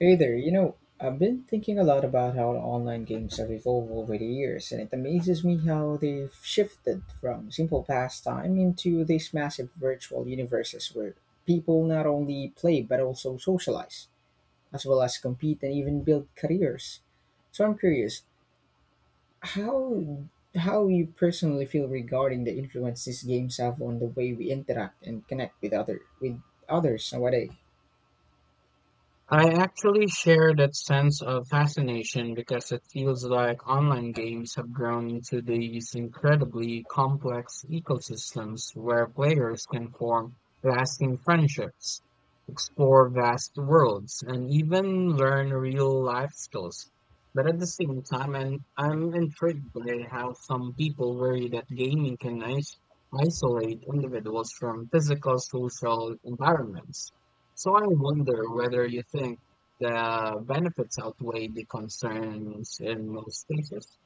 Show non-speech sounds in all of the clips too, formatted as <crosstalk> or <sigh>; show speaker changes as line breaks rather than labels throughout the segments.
Hey there, you know, I've been thinking a lot about how online games have evolved over the years, and it amazes me how they've shifted from simple pastime into these massive virtual universes where people not only play but also socialize, as well as compete and even build careers. So I'm curious, how how you personally feel regarding the influence these games have on the way we interact and connect with others nowadays?
I actually share that sense of fascination because it feels like online games have grown into these incredibly complex ecosystems where players can form lasting friendships, explore vast worlds, and even learn real life skills. But at the same time, and I'm intrigued by how some people worry that gaming can isolate individuals from physical social environments. So I wonder whether you think the benefits outweigh the concerns in most cases.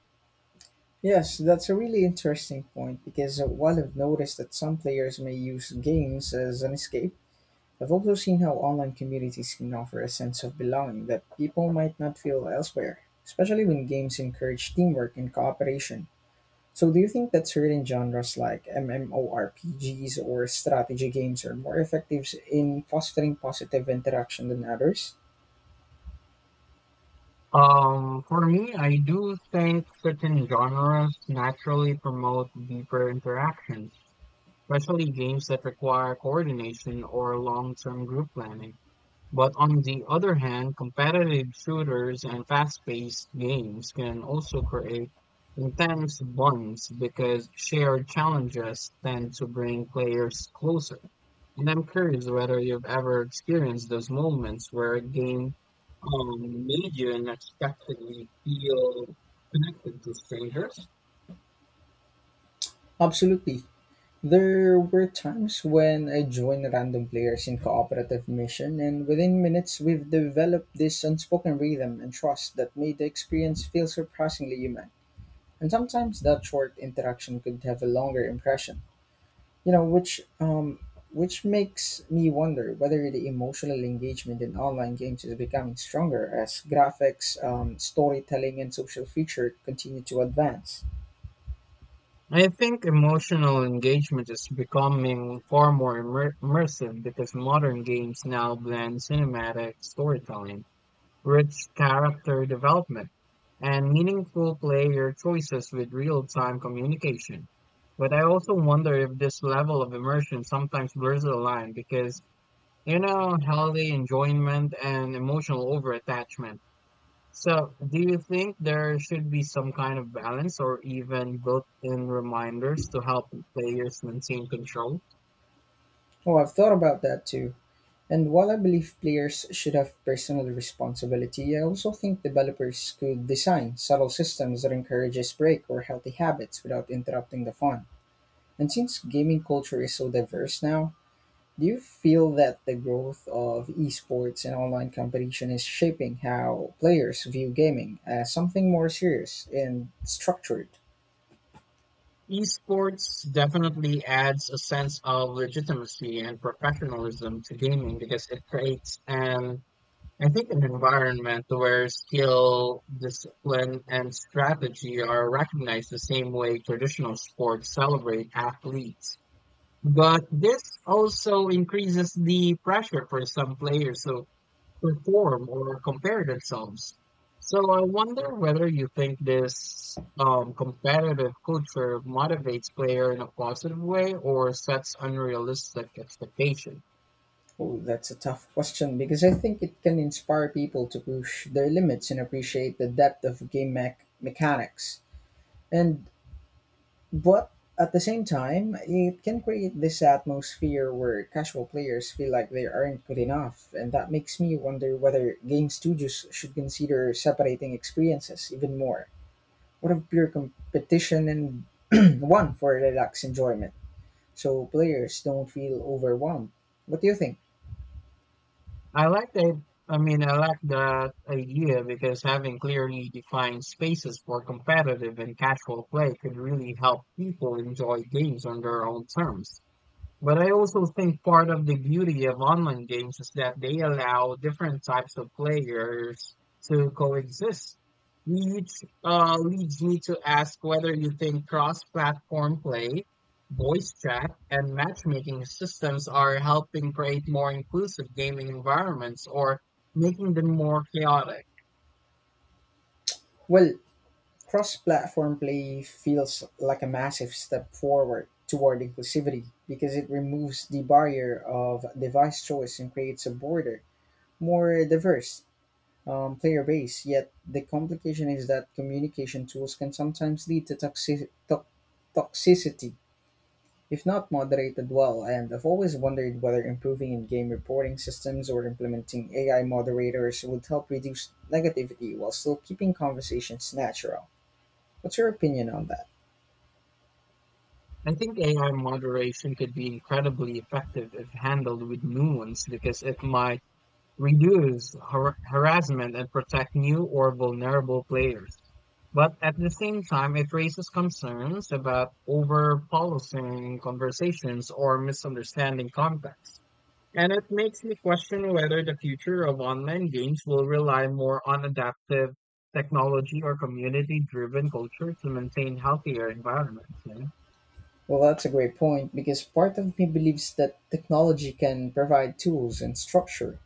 Yes, that's a really interesting point because while I've noticed that some players may use games as an escape, I've also seen how online communities can offer a sense of belonging that people might not feel elsewhere, especially when games encourage teamwork and cooperation. So, do you think that certain genres like MMORPGs or strategy games are more effective in fostering positive interaction than others?
For me, I do think certain genres naturally promote deeper interaction, especially games that require coordination or long-term group planning. But on the other hand, competitive shooters and fast-paced games can also create intense bonds because shared challenges tend to bring players closer. And I'm curious whether you've ever experienced those moments where a game um, made you unexpectedly feel connected to strangers.
Absolutely. There were times when I joined random players in cooperative mission and within minutes we've developed this unspoken rhythm and trust that made the experience feel surprisingly human. And sometimes that short interaction could have a longer impression. You know, which makes me wonder whether the emotional engagement in online games is becoming stronger as graphics, storytelling, and social feature continue to advance.
I think emotional engagement is becoming far more immersive because modern games now blend cinematic storytelling, rich character development, and meaningful player choices with real-time communication. But I also wonder if this level of immersion sometimes blurs the line because, healthy enjoyment and emotional overattachment. So, do you think there should be some kind of balance or even built-in reminders to help players maintain control?
Oh, I've thought about that too. And while I believe players should have personal responsibility, I also think developers could design subtle systems that encourages break or healthy habits without interrupting the fun. And since gaming culture is so diverse now, do you feel that the growth of esports and online competition is shaping how players view gaming as something more serious and structured?
Esports definitely adds a sense of legitimacy and professionalism to gaming because it creates an, I think, an environment where skill, discipline, and strategy are recognized the same way traditional sports celebrate athletes. But this also increases the pressure for some players to perform or compare themselves. So I wonder whether you think this competitive culture motivates player in a positive way or sets unrealistic expectation.
Oh, that's a tough question because I think it can inspire people to push their limits and appreciate the depth of game mechanics. And but at the same time, it can create this atmosphere where casual players feel like they aren't good enough, and that makes me wonder whether game studios should consider separating experiences even more. What of pure competition and <clears throat> one for relaxed enjoyment, so players don't feel overwhelmed? What do you think?
I like that. I mean, I like that idea because having clearly defined spaces for competitive and casual play could really help people enjoy games on their own terms. But I also think part of the beauty of online games is that they allow different types of players to coexist. Which, leads me to ask whether you think cross-platform play, voice chat, and matchmaking systems are helping create more inclusive gaming environments or making them more chaotic.
Well, cross-platform play feels like a massive step forward toward inclusivity because it removes the barrier of device choice and creates a broader, more diverse player base. Yet the complication is that communication tools can sometimes lead to toxicity if not moderated well. And I've always wondered whether improving in-game reporting systems or implementing AI moderators would help reduce negativity while still keeping conversations natural. What's your opinion on that?
I think AI moderation could be incredibly effective if handled with nuance because it might reduce harassment and protect new or vulnerable players. But at the same time, it raises concerns about over policing conversations or misunderstanding context. And it makes me question whether the future of online games will rely more on adaptive technology or community driven culture to maintain healthier environments.
Well, that's a great point because part of me believes that technology can provide tools and structure,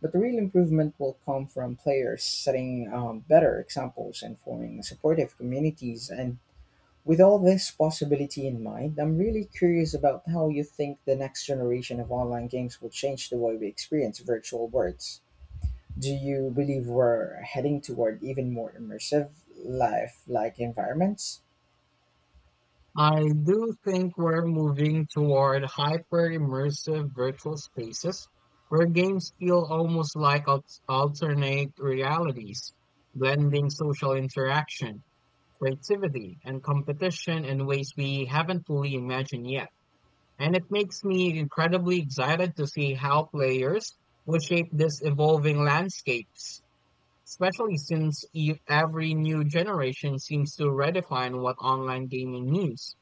but the real improvement will come from players setting better examples and forming supportive communities. And with all this possibility in mind, I'm really curious about how you think the next generation of online games will change the way we experience virtual worlds. Do you believe we're heading toward even more immersive, life like environments?
I do think we're moving toward hyper immersive virtual spaces where games feel almost like alternate realities, blending social interaction, creativity, and competition in ways we haven't fully imagined yet. And it makes me incredibly excited to see how players will shape this evolving landscapes, especially since every new generation seems to redefine what online gaming means.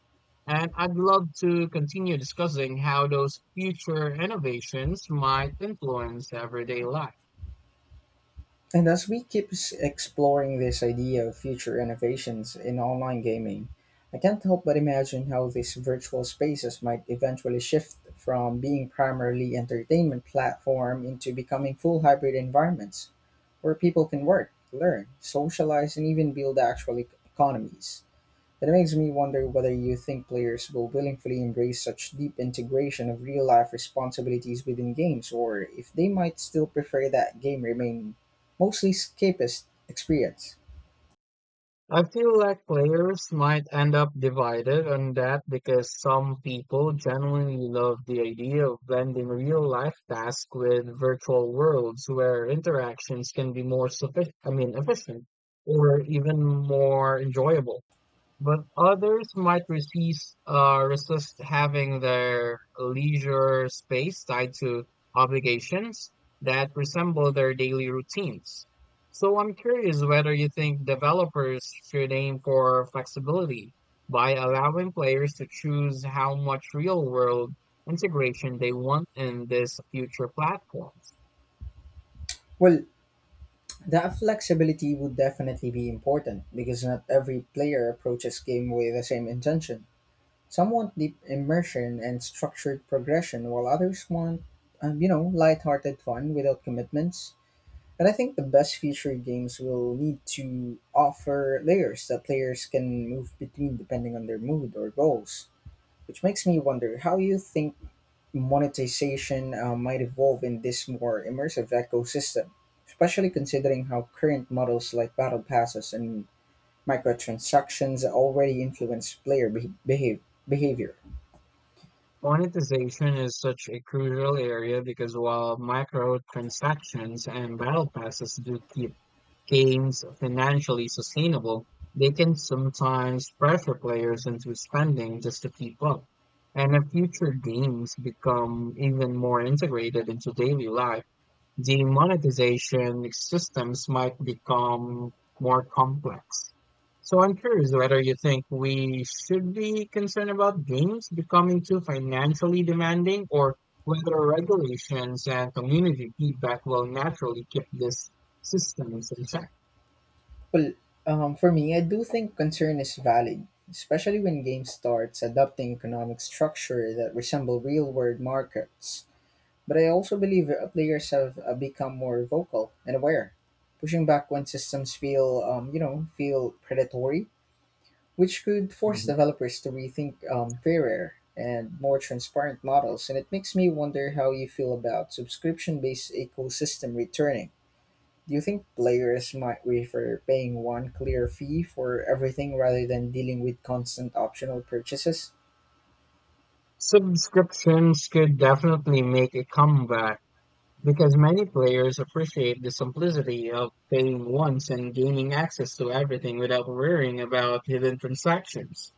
And I'd love to continue discussing how those future innovations might influence everyday life.
And as we keep exploring this idea of future innovations in online gaming, I can't help but imagine how these virtual spaces might eventually shift from being primarily entertainment platform into becoming full hybrid environments where people can work, learn, socialize, and even build actual economies. It makes me wonder whether you think players will willingly embrace such deep integration of real life responsibilities within games, or if they might still prefer that game remain mostly escapist experience.
I feel like players might end up divided on that because some people genuinely love the idea of blending real life tasks with virtual worlds where interactions can be more sufficient, I mean, efficient, or even more enjoyable. But others might resist, having their leisure space tied to obligations that resemble their daily routines. So I'm curious whether you think developers should aim for flexibility by allowing players to choose how much real-world integration they want in these future platforms.
Well, that flexibility would definitely be important because not every player approaches game with the same intention. Some want deep immersion and structured progression, while others want, lighthearted fun without commitments. And I think the best future games will need to offer layers that players can move between depending on their mood or goals. Which makes me wonder how you think monetization might evolve in this more immersive ecosystem, especially considering how current models like battle passes and microtransactions already influence player behavior.
Monetization is such a crucial area because while microtransactions and battle passes do keep games financially sustainable, they can sometimes pressure players into spending just to keep up. And if future games become even more integrated into daily life, the monetization systems might become more complex. So I'm curious whether you think we should be concerned about games becoming too financially demanding, or whether regulations and community feedback will naturally keep this systems in check.
Well, for me, I do think concern is valid, especially when games starts adopting economic structure that resemble real-world markets. But I also believe that players have become more vocal and aware, pushing back when systems feel, feel predatory, which could force
Mhm.
developers to rethink fairer and more transparent models. And it makes me wonder how you feel about subscription-based ecosystem returning. Do you think players might prefer paying one clear fee for everything rather than dealing with constant optional purchases?
Subscriptions could definitely make a comeback because many players appreciate the simplicity of paying once and gaining access to everything without worrying about hidden transactions.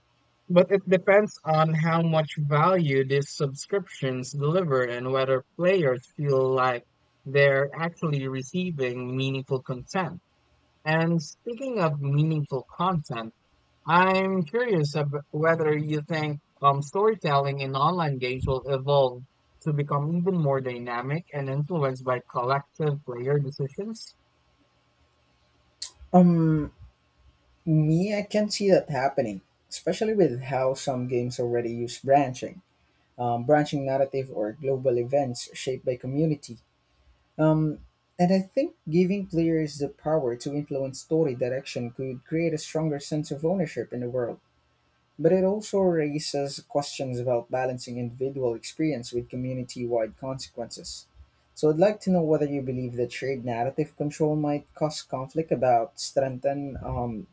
But it depends on how much value these subscriptions deliver and whether players feel like they're actually receiving meaningful content. And speaking of meaningful content, I'm curious of whether you think storytelling in online games will evolve to become even more dynamic and influenced by collective player decisions.
Um, me, I can see that happening, especially with how some games already use branching, branching narrative or global events shaped by community. Um, and I think giving players the power to influence story direction could create a stronger sense of ownership in the world. But it also raises questions about balancing individual experience with community wide consequences. So I'd like to know whether you believe that shared narrative control might cause conflict about strengthen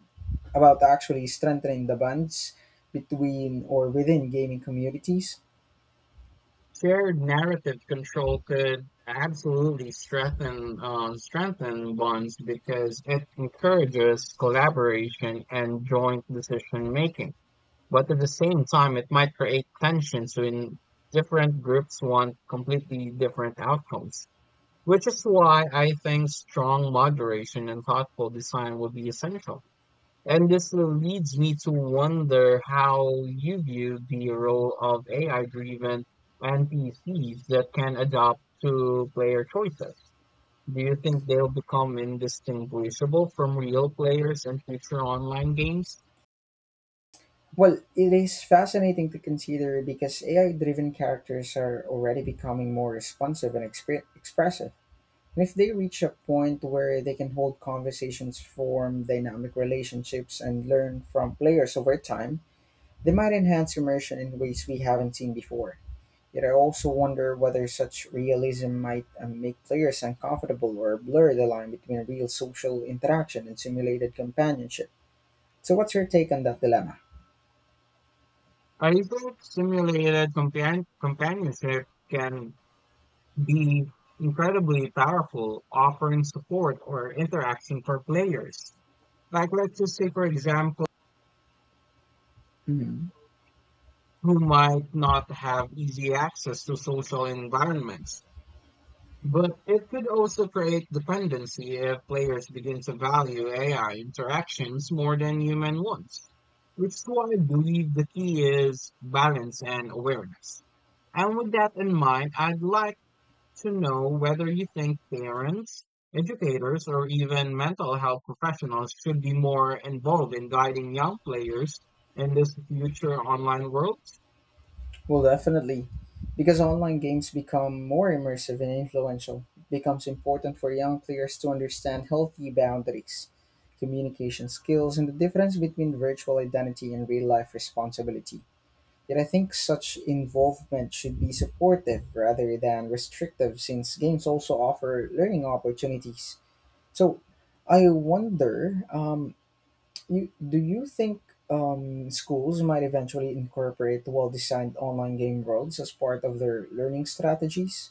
about actually strengthening the bonds between or within gaming communities.
Shared narrative control could absolutely strengthen bonds because it encourages collaboration and joint decision making. But at the same time, it might create tensions when different groups want completely different outcomes. Which is why I think strong moderation and thoughtful design will be essential. And this leads me to wonder how you view the role of AI-driven NPCs that can adapt to player choices. Do you think they'll become indistinguishable from real players in future online games?
Well, it is fascinating to consider because AI driven characters are already becoming more responsive and expressive. And if they reach a point where they can hold conversations, form dynamic relationships, and learn from players over time, they might enhance immersion in ways we haven't seen before. Yet I also wonder whether such realism might make players uncomfortable or blur the line between real social interaction and simulated companionship. So, what's your take on that dilemma?
I think simulated companionship can be incredibly powerful, offering support or interaction for players. Like, let's just say, for example,
Mhm.
who might not have easy access to social environments. But it could also create dependency if players begin to value AI interactions more than human ones, which is why I believe the key is balance and awareness. And with that in mind, I'd like to know whether you think parents, educators, or even mental health professionals should be more involved in guiding young players in this future online world.
Well, definitely. Because online games become more immersive and influential, it becomes important for young players to understand healthy boundaries, communication skills, and the difference between virtual identity and real life responsibility. Yet I think such involvement should be supportive rather than restrictive, since games also offer learning opportunities. So I wonder do you think schools might eventually incorporate well-designed online game worlds as part of their learning strategies?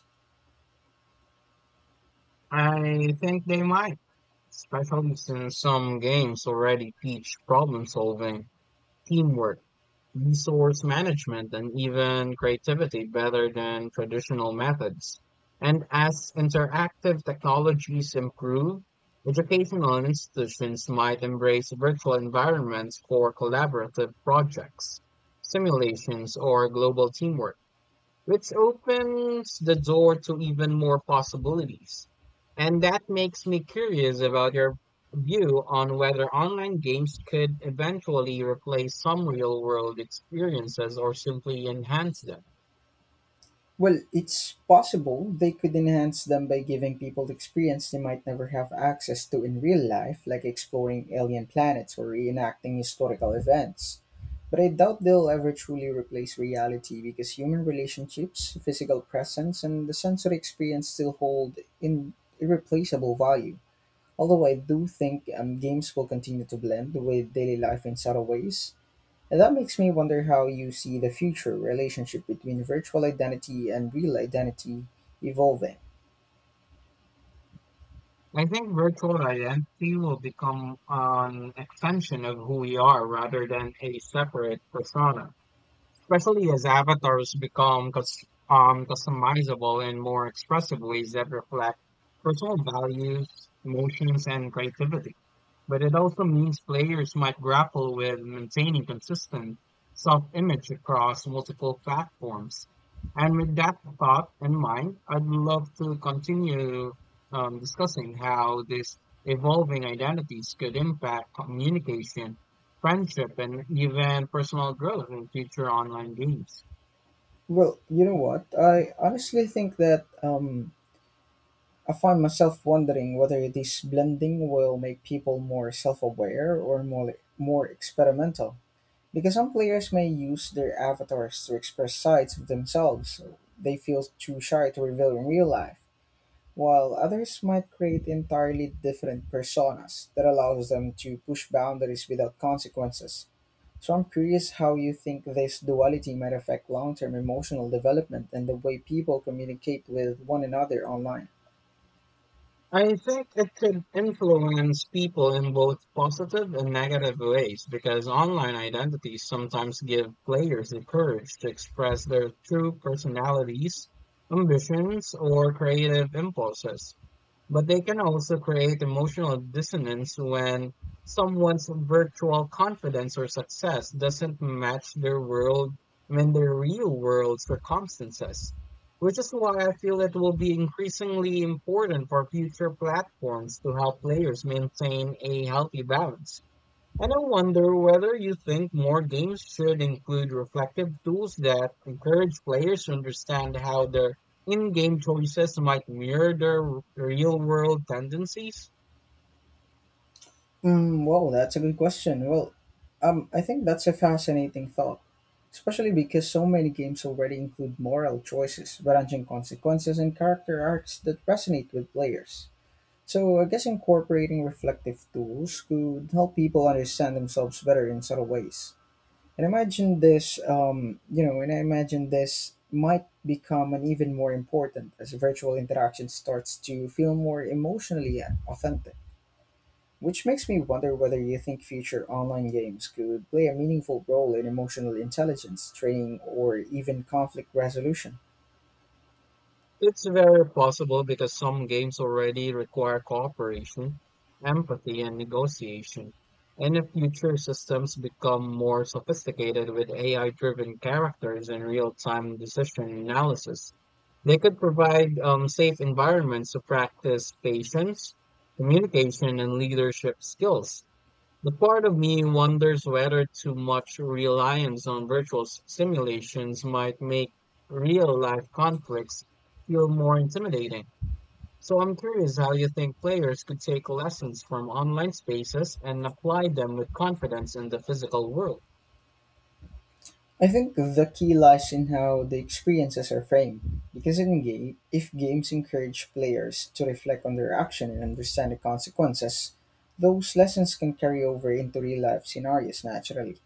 I think they might, especially since some games already teach problem solving, teamwork, resource management, and even creativity better than traditional methods. And as interactive technologies improve, educational institutions might embrace virtual environments for collaborative projects, simulations, or global teamwork, which opens the door to even more possibilities. And that makes me curious about your view on whether online games could eventually replace some real world experiences or simply enhance them.
Well, it's possible they could enhance them by giving people the experience they might never have access to in real life, like exploring alien planets or reenacting historical events. But I doubt they'll ever truly replace reality because human relationships, physical presence, and the sensory experience still hold in irreplaceable value. Although I do think games will continue to blend with daily life in subtle ways, and that makes me wonder how you see the future relationship between virtual identity and real identity evolving.
I think virtual identity will become an extension of who we are rather than a separate persona, especially as avatars become customizable in more expressive ways that reflect personal values, emotions, and creativity. But it also means players might grapple with maintaining consistent self image across multiple platforms. And with that thought in mind, I'd love to continue discussing how these evolving identities could impact communication, friendship, and even personal growth in future online games.
Well, you know what? I honestly think that I find myself wondering whether this blending will make people more self-aware or more experimental. Because some players may use their avatars to express sides of themselves they feel too shy to reveal in real life while others might create entirely different personas that allows them to push boundaries without consequences. So I'm curious how you think this duality might affect long-term emotional development and the way people communicate with one another online.
I think it could influence people in both positive and negative ways because online identities sometimes give players the courage to express their true personalities, ambitions, or creative impulses. But they can also create emotional dissonance when someone's virtual confidence or success doesn't match their world, I mean, their real world circumstances, which is why I feel it will be increasingly important for future platforms to help players maintain a healthy balance. And I wonder whether you think more games should include reflective tools that encourage players to understand how their in game choices might mirror their real world tendencies.
Mm, well, that's a good question. Well, I think that's a fascinating thought, especially because so many games already include moral choices, branching consequences, and character arcs that resonate with players. So I guess incorporating reflective tools could help people understand themselves better in subtle ways. And I imagine this might become an even more important as virtual interaction starts to feel more emotionally authentic. Which makes me wonder whether you think future online games could play a meaningful role in emotional intelligence training or even conflict resolution.
It's very possible because some games already require cooperation, empathy, and negotiation. And if future systems become more sophisticated with AI driven characters and real time decision analysis, they could provide safe environments to practice patience, communication, and leadership skills. The part of me wonders whether too much reliance on virtual simulations might make real life conflicts feel more intimidating. So I'm curious how you think players could take lessons from online spaces and apply them with confidence in the physical world.
I think the key lies in how the experiences are framed, because in game, if games encourage players to reflect on their action and understand the consequences, those lessons can carry over into real life scenarios naturally.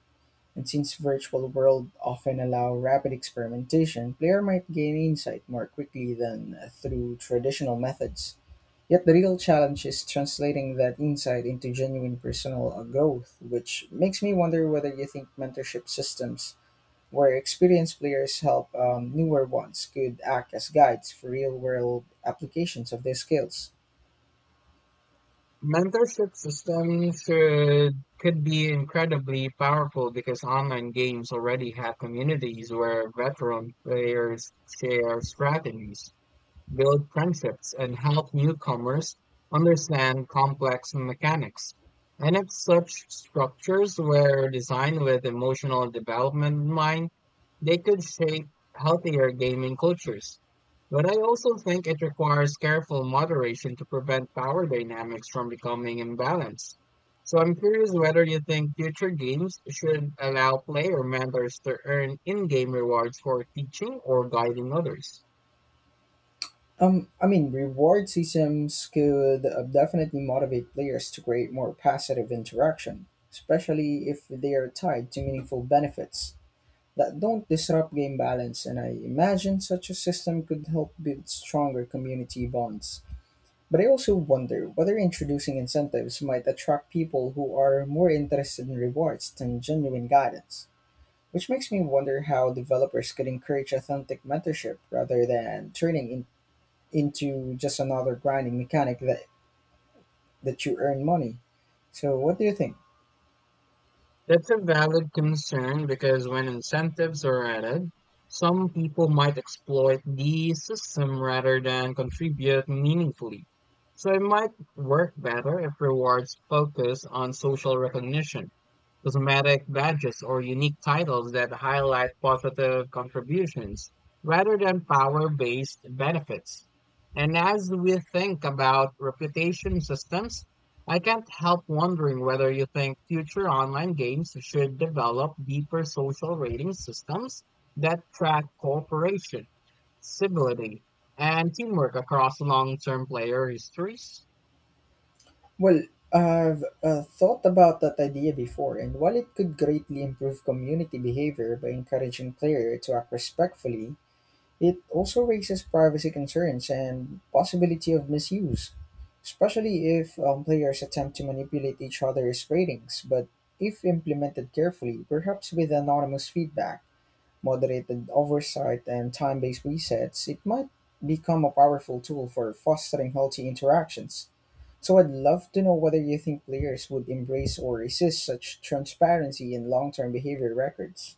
And since virtual world often allow rapid experimentation, player might gain insight more quickly than through traditional methods. Yet the real challenge is translating that insight into genuine personal growth, which makes me wonder whether you think mentorship systems where experienced players help newer ones could act as guides for real world applications of their skills.
Mentorship system should could be incredibly powerful because online games already have communities where veteran players share strategies, build friendships, and help newcomers understand complex mechanics. And if such structures were designed with emotional development in mind, they could shape healthier gaming cultures. But I also think it requires careful moderation to prevent power dynamics from becoming imbalanced. So I'm curious whether you think future games should allow player mentors to earn in-game rewards for teaching or guiding others.
Reward systems could definitely motivate players to create more passive interaction, especially if they are tied to meaningful benefits that don't disrupt game balance. And I imagine such a system could help build stronger community bonds. But I also wonder whether introducing incentives might attract people who are more interested in rewards than genuine guidance, which makes me wonder how developers could encourage authentic mentorship rather than turning in, into just another grinding mechanic that you earn money. So, what do you think?
That's a valid concern because when incentives are added, some people might exploit the system rather than contribute meaningfully. So it might work better if rewards focus on social recognition, cosmetic badges, or unique titles that highlight positive contributions rather than power based benefits. And as we think about reputation systems, I can't help wondering whether you think future online games should develop deeper social rating systems that track cooperation, civility, and teamwork across long term player histories.
Well, I've thought about that idea before, and while it could greatly improve community behavior by encouraging players to act respectfully, it also raises privacy concerns and possibility of misuse, especially if players attempt to manipulate each other's ratings. But if implemented carefully, perhaps with anonymous feedback, moderated oversight, and time-based resets, it might become a powerful tool for fostering healthy interactions. So I'd love to know whether you think players would embrace or resist such transparency in long-term behavior records.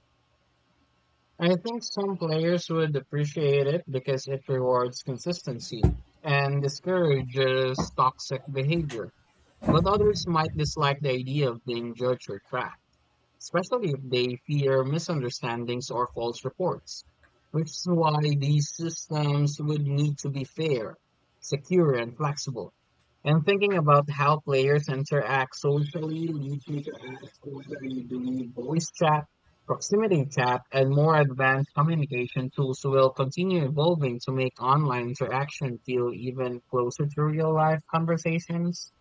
I think some players would appreciate it because it rewards consistency and discourages toxic behavior, but others might dislike the idea of being judged or tracked, especially if they fear misunderstandings or false reports, which is why these systems would need to be fair, secure, and flexible. And thinking about how players interact socially leads me to ask whether you believe voice chat, proximity chat, and more advanced communication tools will continue evolving to make online interaction feel even closer to real life conversations.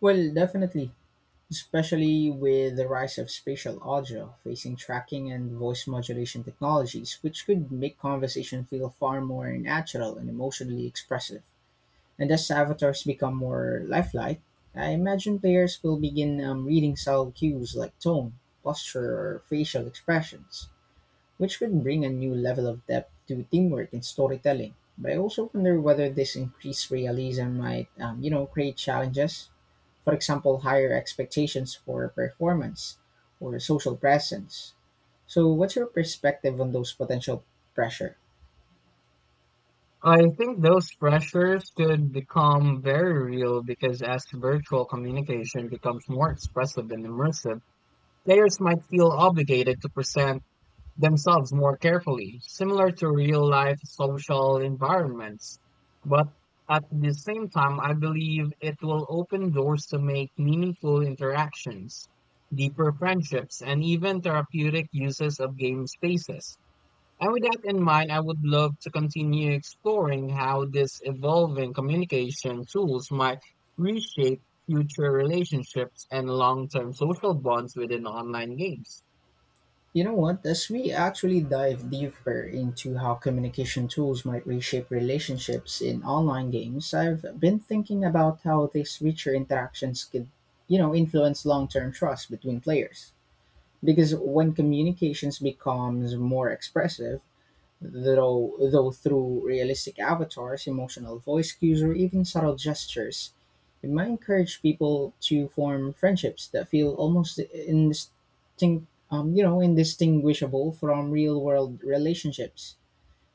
Well, definitely. Especially with the rise of spatial audio, facing tracking, and voice modulation technologies, which could make conversation feel far more natural and emotionally expressive. And as avatars become more lifelike, I imagine players will begin reading subtle cues like tone, posture, or facial expressions, which could bring a new level of depth to teamwork and storytelling. But I also wonder whether this increased realism might, create challenges for example, higher expectations for performance or social presence. So, what's your perspective on those potential pressure?
I think those pressures could become very real because as virtual communication becomes more expressive and immersive, players might feel obligated to present themselves more carefully, similar to real life social environments. But at the same time, I believe it will open doors to make meaningful interactions, deeper friendships, and even therapeutic uses of game spaces. And with that in mind, I would love to continue exploring how these evolving communication tools might reshape future relationships and long term social bonds within online games.
You know what? As we actually dive deeper into how communication tools might reshape relationships in online games, I've been thinking about how these richer interactions could, you know, influence long-term trust between players. Because when communications becomes more expressive, though through realistic avatars, emotional voice cues, or even subtle gestures, it might encourage people to form friendships that feel almost indistinguishable from real-world relationships.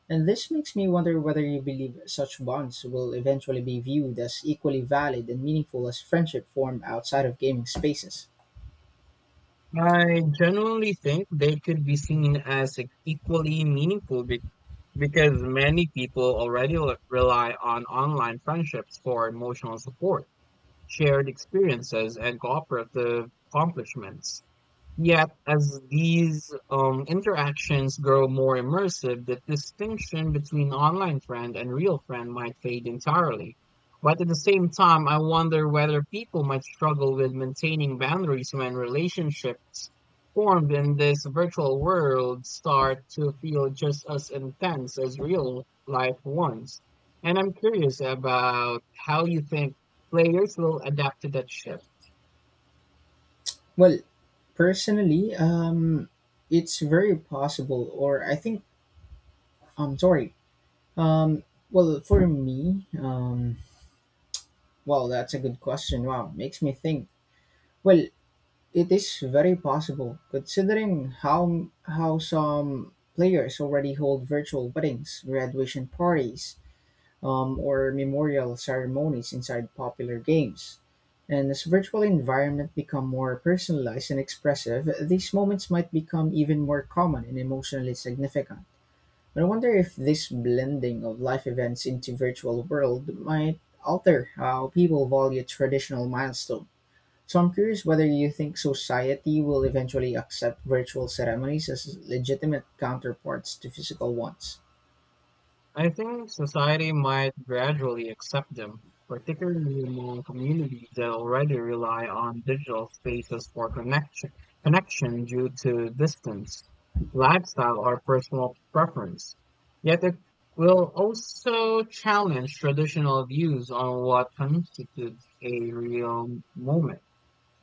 And this makes me wonder whether you believe such bonds will eventually be viewed as equally valid and meaningful as friendship formed outside of gaming spaces.
I genuinely think they could be seen as equally meaningful, because many people already rely on online friendships for emotional support, shared experiences, and cooperative accomplishments. Yet, as these interactions grow more immersive, the distinction between online friend and real friend might fade entirely. But at the same time, I wonder whether people might struggle with maintaining boundaries when relationships formed in this virtual world start to feel just as intense as real life ones. And I'm curious about how you think players will adapt to that shift.
Well, personally, it's very possible, or I think, I'm sorry, Um, well, for me, wow, that's a good question. Wow, makes me think. Well, it is very possible considering how some players already hold virtual weddings, graduation parties, or memorial ceremonies inside popular games. And as virtual environment become more personalized and expressive, these moments might become even more common and emotionally significant. I wonder if this blending of life events into virtual world might alter how people value traditional milestone. So I'm curious whether you think society will eventually accept virtual ceremonies as legitimate counterparts to physical ones.
I think society might gradually accept them, particularly among communities that already rely on digital spaces for connection due to distance, lifestyle, or personal preference. Yet it will also challenge traditional views on what constitutes a real moment.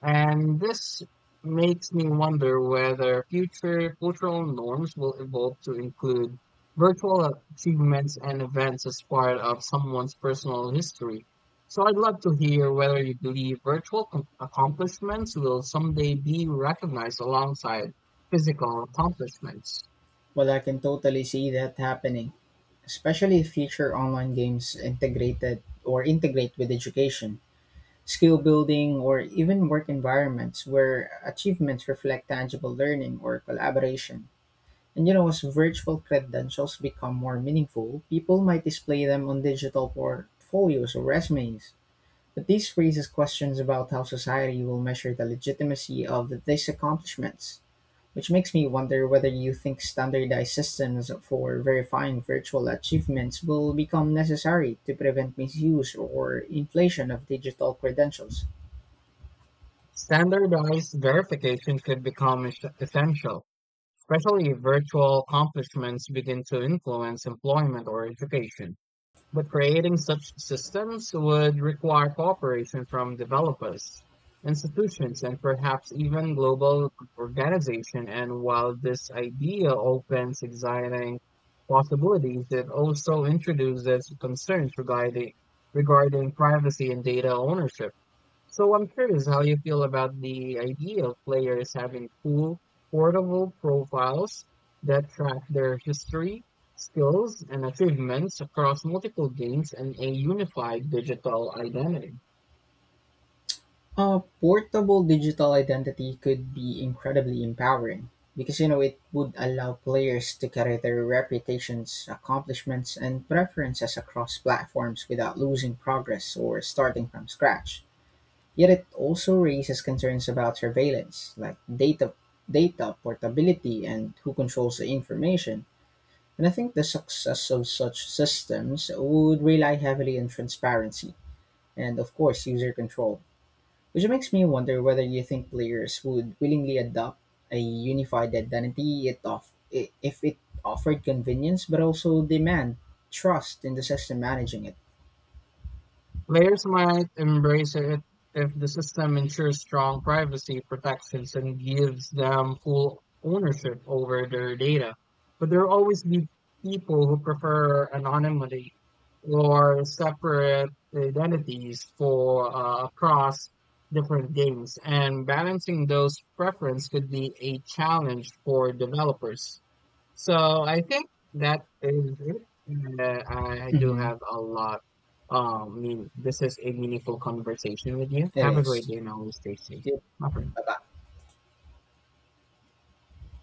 And this makes me wonder whether future cultural norms will evolve to include virtual achievements and events as part of someone's personal history. So I'd love to hear whether you believe virtual accomplishments will someday be recognized alongside physical accomplishments.
Well, I can totally see that happening, especially if future online games integrate with education, skill building, or even work environments where achievements reflect tangible learning or collaboration. And you know, as virtual credentials become more meaningful, people might display them on digital portfolios or resumes. But this raises questions about how society will measure the legitimacy of these accomplishments, which makes me wonder whether you think standardized systems for verifying virtual achievements will become necessary to prevent misuse or inflation of digital credentials.
Standardized verification could become essential, especially if virtual accomplishments begin to influence employment or education. But creating such systems would require cooperation from developers, institutions, and perhaps even global organization. And while this idea opens exciting possibilities, it also introduces concerns regarding privacy and data ownership. So I'm curious how you feel about the idea of players having cool, portable profiles that track their history, skills, and achievements across multiple games and a unified digital identity.
A portable digital identity could be incredibly empowering because you know it would allow players to carry their reputations, accomplishments, and preferences across platforms without losing progress or starting from scratch. Yet it also raises concerns about surveillance, like data portability and who controls the information. And I think the success of such systems would rely heavily on transparency and of course user control which makes me wonder whether you think players would willingly adopt a unified identity if it offered convenience but also demand trust in the system managing it.
Players might embrace it if the system ensures strong privacy protections and gives them full ownership over their data. But there will always be people who prefer anonymity or separate identities for across different games, and balancing those preferences could be a challenge for developers. So I think that is it. And I do
Mm-hmm.
have a lot. I mean, this is a meaningful conversation with you.
It
Have a great
is.
day and always stay safe,
Yep.
my friend.